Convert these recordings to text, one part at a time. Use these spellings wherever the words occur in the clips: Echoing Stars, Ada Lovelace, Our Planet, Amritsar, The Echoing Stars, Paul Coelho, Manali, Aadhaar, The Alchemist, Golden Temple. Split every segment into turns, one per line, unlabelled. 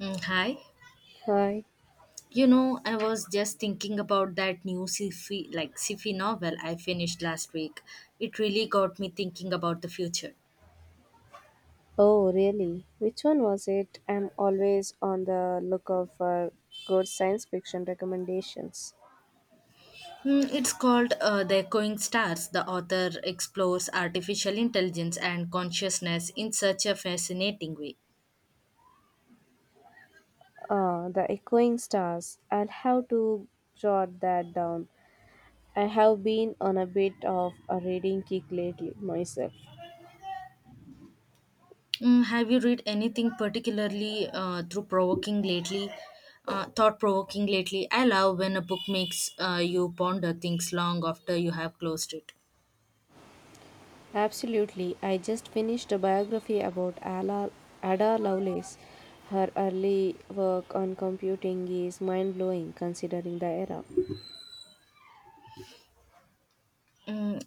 Hi.
Hi.
I was just thinking about that new sci-fi novel I finished last week. It really got me thinking about the future.
Oh, really? Which one was it? I'm always on the lookout for good science fiction recommendations.
It's called The Echoing Stars. The author explores artificial intelligence and consciousness in such a fascinating way.
Ah, the Echoing Stars. I'll have to jot that down. I have been on a bit of a reading kick lately myself.
Have you read anything particularly through provoking lately? Thought provoking lately. I love when a book makes you ponder things long after you have closed it.
Absolutely. I just finished a biography about Ada Lovelace. Her early work on computing is mind blowing considering the era.
Mm,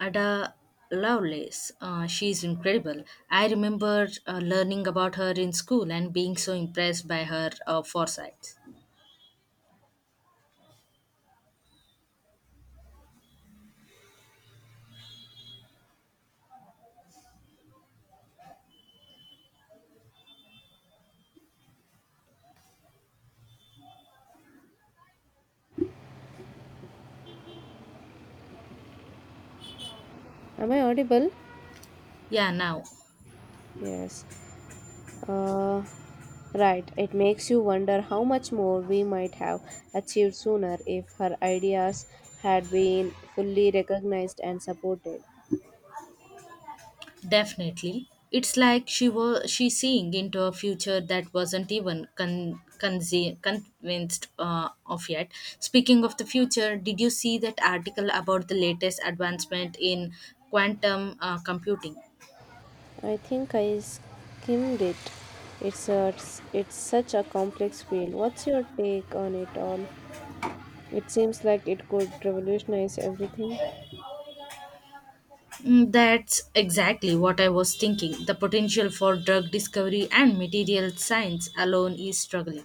Ada Lovelace. She is incredible. I remember learning about her in school and being so impressed by her foresight.
Am I audible?
Yeah, now
Yes. Uh, Right, it makes you wonder how much more we might have achieved sooner if her ideas had been fully recognized and supported.
definitely. It's like she was she seeing into a future that wasn't even convinced of yet. Speaking of the future, did you see that article about the latest advancement in quantum computing?
I think I skimmed it. It's a, it's such a complex field. What's your take on it all? It seems like it could revolutionize everything.
That's exactly what I was thinking. The potential for drug discovery and material science alone is struggling.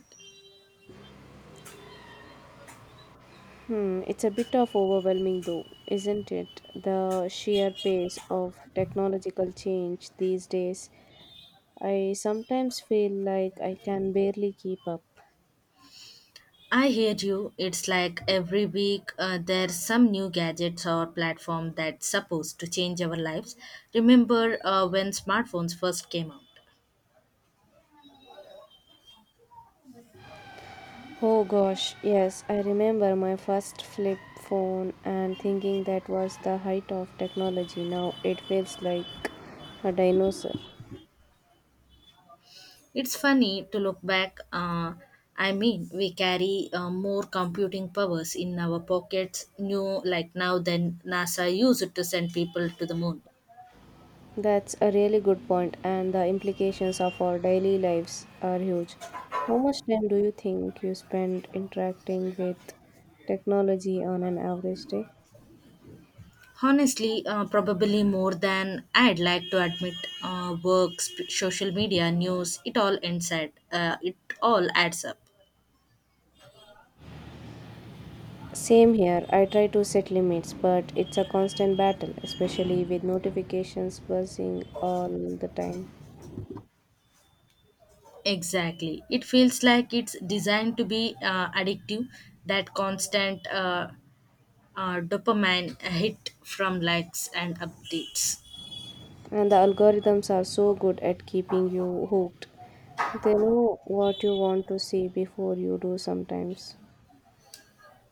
Hmm, it's a bit of overwhelming though, isn't it? The sheer pace of technological change these days. I sometimes feel like I can barely keep up.
I hear you. It's like every week there's some new gadgets or platform that's supposed to change our lives. Remember when smartphones first came out?
Oh gosh, yes, I remember my first flip phone and thinking that was the height of technology. Now it feels like a dinosaur.
It's funny to look back. I mean, we carry more computing powers in our pockets new like now than NASA used to send people to the moon.
That's a really good point, and the implications of our daily lives are huge. How much time do you think you spend interacting with technology on an average day?
Honestly, probably more than I'd like to admit. Work, social media, news, it all adds up.
Same here, I try to set limits, but it's a constant battle, especially with notifications buzzing all the time.
Exactly. It feels like it's designed to be addictive, that constant dopamine hit from likes and updates.
And the algorithms are so good at keeping you hooked. They know what you want to see before you do sometimes.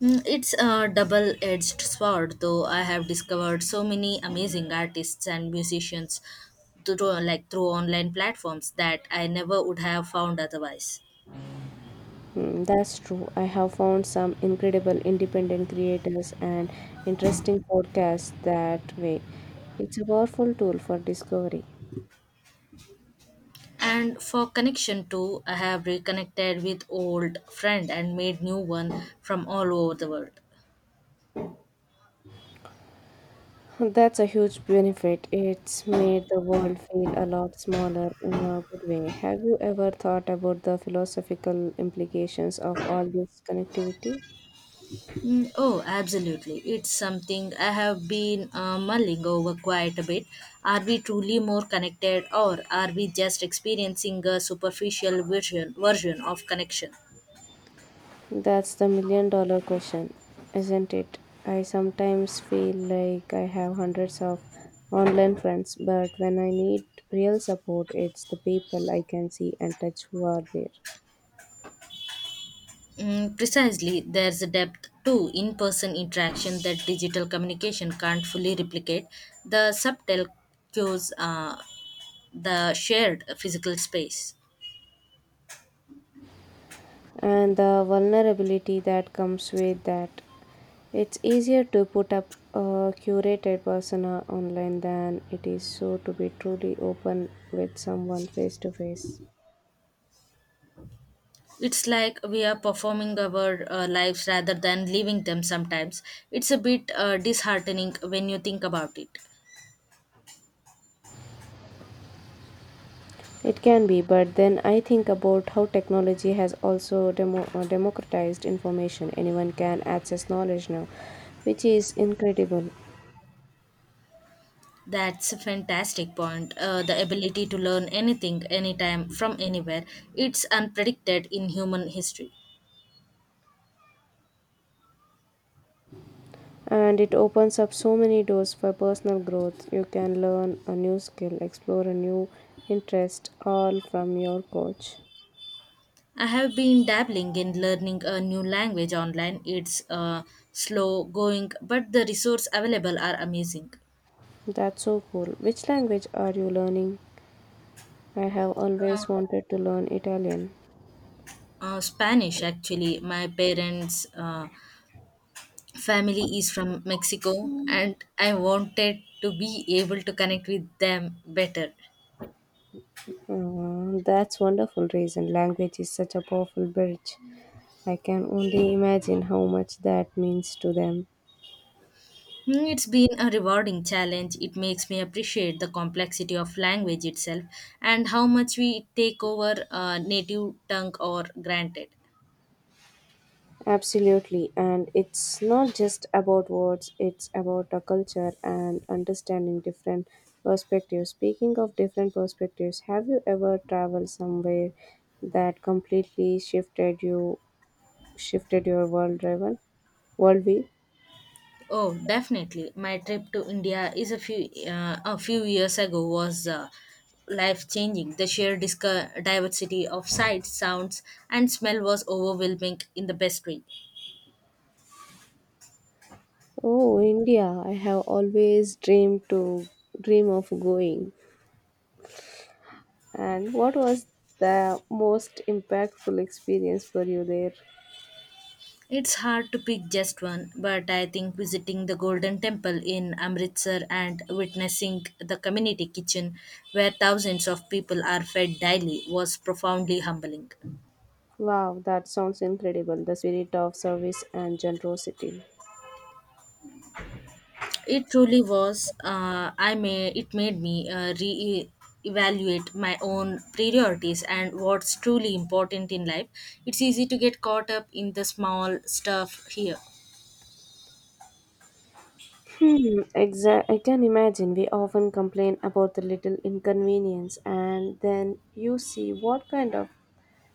It's a double edged sword, though I have discovered so many amazing artists and musicians through online platforms that I never would have found otherwise.
Hmm, that's true. I have found some incredible independent creators and interesting podcasts that way. It's a powerful tool for discovery.
And for connection too, I have reconnected with old friend and made new one from all over the world.
That's a huge benefit. It's made the world feel a lot smaller in a good way. Have you ever thought about the philosophical implications of all this connectivity?
Oh, Absolutely. It's something I have been mulling over quite a bit. Are we truly more connected or are we just experiencing a superficial version of connection?
That's the million dollar question, isn't it? I sometimes feel like I have hundreds of online friends, but when I need real support, it's the people I can see and touch who are there.
Precisely, there's a depth to in person interaction that digital communication can't fully replicate. The subtle cues, the shared physical space.
And the vulnerability that comes with that. It's easier to put up a curated persona online than it is so to be truly open with someone face to face.
It's like we are performing our lives rather than living them sometimes. It's a bit disheartening when you think about it.
It can be, but then I think about how technology has also democratized information. Anyone can access knowledge now, which is incredible.
That's a fantastic point. The ability to learn anything, anytime, from anywhere, it's unpredicted in human history.
And it opens up so many doors for personal growth. You can learn a new skill, explore a new interest, all from your coach.
I have been dabbling in learning a new language online. It's slow going, but the resources available are amazing.
That's so cool. Which language are you learning? I have
Uh,
always wanted to learn Italian.
Spanish, actually. My parents family is from Mexico and I wanted to be able to connect with them better.
That's wonderful reason. Language is such a powerful bridge. I can only imagine how much that means to them.
It's been a rewarding challenge. It makes me appreciate the complexity of language itself and how much we take over a native tongue or granted.
Absolutely, and it's not just about words, it's about a culture and understanding different perspectives. Speaking of different perspectives, have you ever traveled somewhere that completely shifted your worldview?
Oh, definitely. My trip to India is a few years ago was life changing. The sheer diversity of sights, sounds, and smell was overwhelming in the best way.
Oh, India. I have always dream of going. And what was the most impactful experience for you there?
It's hard to pick just one, but I think visiting the Golden Temple in Amritsar and witnessing the community kitchen where thousands of people are fed daily was profoundly humbling.
Wow, that sounds incredible. The spirit of service and generosity.
It truly was. I may It made me re-evaluate my own priorities and what's truly important in life. It's easy to get caught up in the small stuff here.
Hmm, I can imagine we often complain about the little inconvenience, and then you see what kind of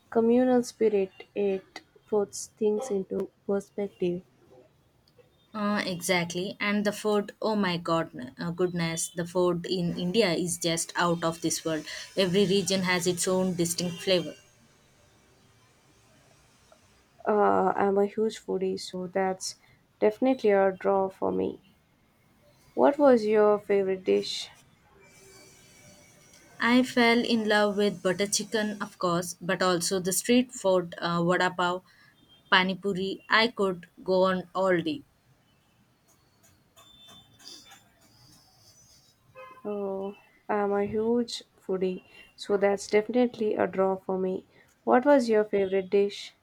communal spirit it puts things into perspective.
Exactly. And the food, oh my god, goodness, the food in India is just out of this world. Every region has its own distinct flavor.
I'm a huge foodie, so that's definitely a draw for me. What was your favorite dish?
I fell in love with butter chicken, of course, but also the street food, vada pav, pani puri. I could go on all day.
Oh, I'm a huge foodie, so that's definitely a draw for me. What was your favorite dish?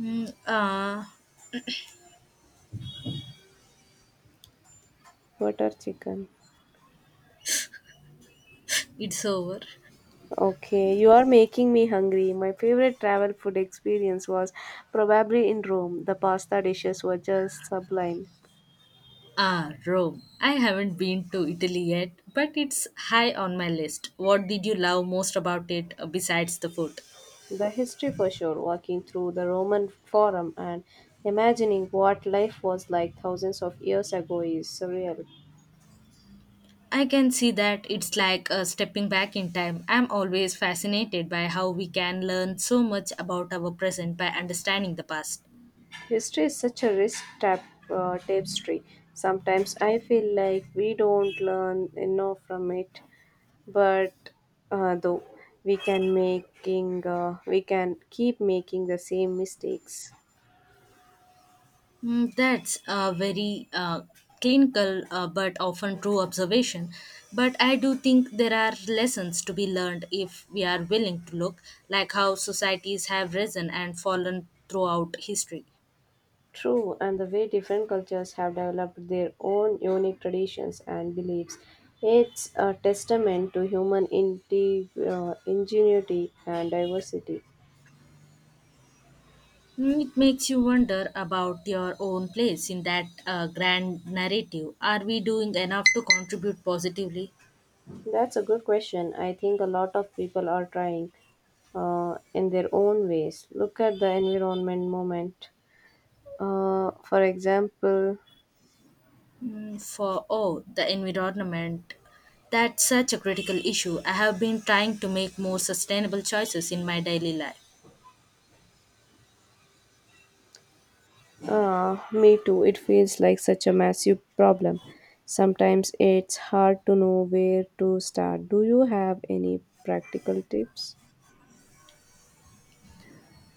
Mm, uh,
Butter chicken.
it's over.
Okay, you are making me hungry. My favorite travel food experience was probably in Rome. The pasta dishes were just sublime.
Ah, Rome. I haven't been to Italy yet, but it's high on my list. What did you love most about it besides the food?
The history for sure, walking through the Roman Forum and imagining what life was like thousands of years ago is surreal.
I can see that. It's like stepping back in time. I'm always fascinated by how we can learn so much about our present by understanding the past.
History is such a rich tap, tapestry. Sometimes I feel like we don't learn enough from it, but though we can keep making the same mistakes.
That's a very clinical but often true observation. But I do think there are lessons to be learned if we are willing to look, like how societies have risen and fallen throughout history.
True, and the way different cultures have developed their own unique traditions and beliefs, it's a testament to human ingenuity and diversity.
It makes you wonder about your own place in that grand narrative. Are we doing enough to contribute positively?
That's a good question. I think a lot of people are trying in their own ways. Look at the environment movement. For example,
For oh, the environment? That's such a critical issue. I have been trying to make more sustainable choices in my daily life.
Me too. It feels like such a massive problem. Sometimes it's hard to know where to start. Do you have any practical tips?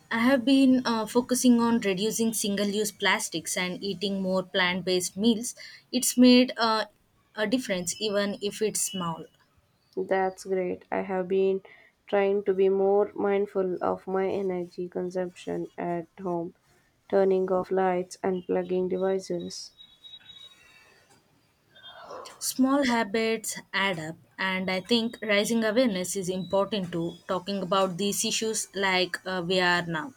I have been focusing on reducing single-use plastics and eating more plant-based meals. It's made a difference, even if it's small.
That's great. I have been trying to be more mindful of my energy consumption at home, turning off lights and plugging devices.
Small habits add up, and I think raising awareness is important to talking about these issues like we are now.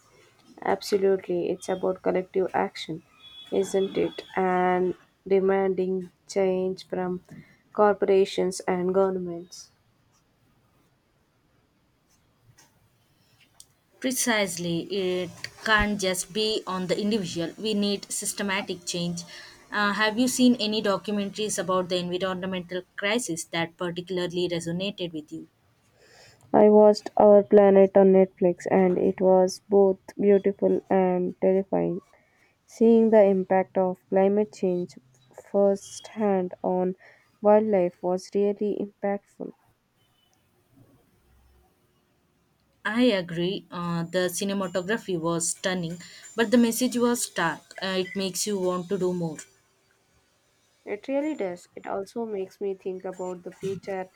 Absolutely, it's about collective action, isn't it? And demanding change from corporations and governments.
Precisely, it can't just be on the individual. We need systematic change. Have you seen any documentaries about the environmental crisis that particularly resonated with you?
I watched Our Planet on Netflix and it was both beautiful and terrifying. Seeing the impact of climate change firsthand on wildlife was really impactful.
I agree. The cinematography was stunning, but the message was stark. It makes you want to do more.
It really does. It also makes me think about the future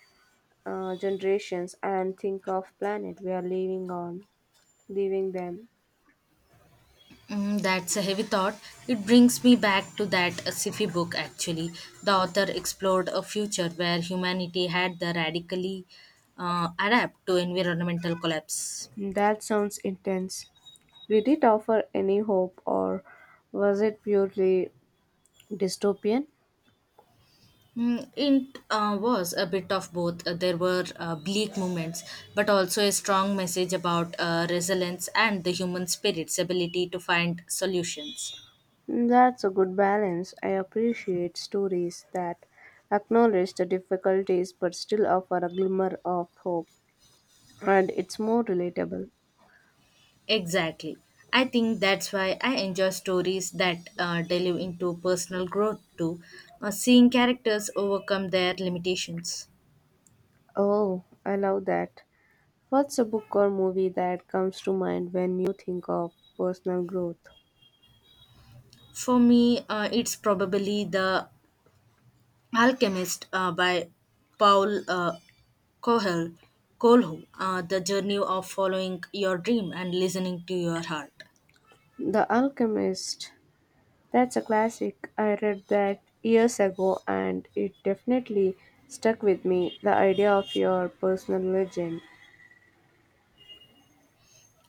generations and think of planet we are living on, leaving them.
That's a heavy thought. It brings me back to that sci-fi book actually. The author explored a future where humanity had the radically adapt to environmental collapse.
That sounds intense. Did it offer any hope or was it purely dystopian?
It was a bit of both. There were bleak moments, but also a strong message about resilience and the human spirit's ability to find solutions.
That's a good balance. I appreciate stories that acknowledge the difficulties but still offer a glimmer of hope, and it's more relatable.
Exactly. I think that's why I enjoy stories that delve into personal growth too, seeing characters overcome their limitations.
Oh, I love that. What's a book or movie that comes to mind when you think of personal growth?
For me, it's probably The Alchemist by Paul Coelho, Coelho, the journey of following your dream and listening to your heart.
The Alchemist. That's a classic. I read that years ago and it definitely stuck with me the idea of your personal legend.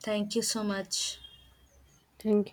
Thank you so much.
Thank you.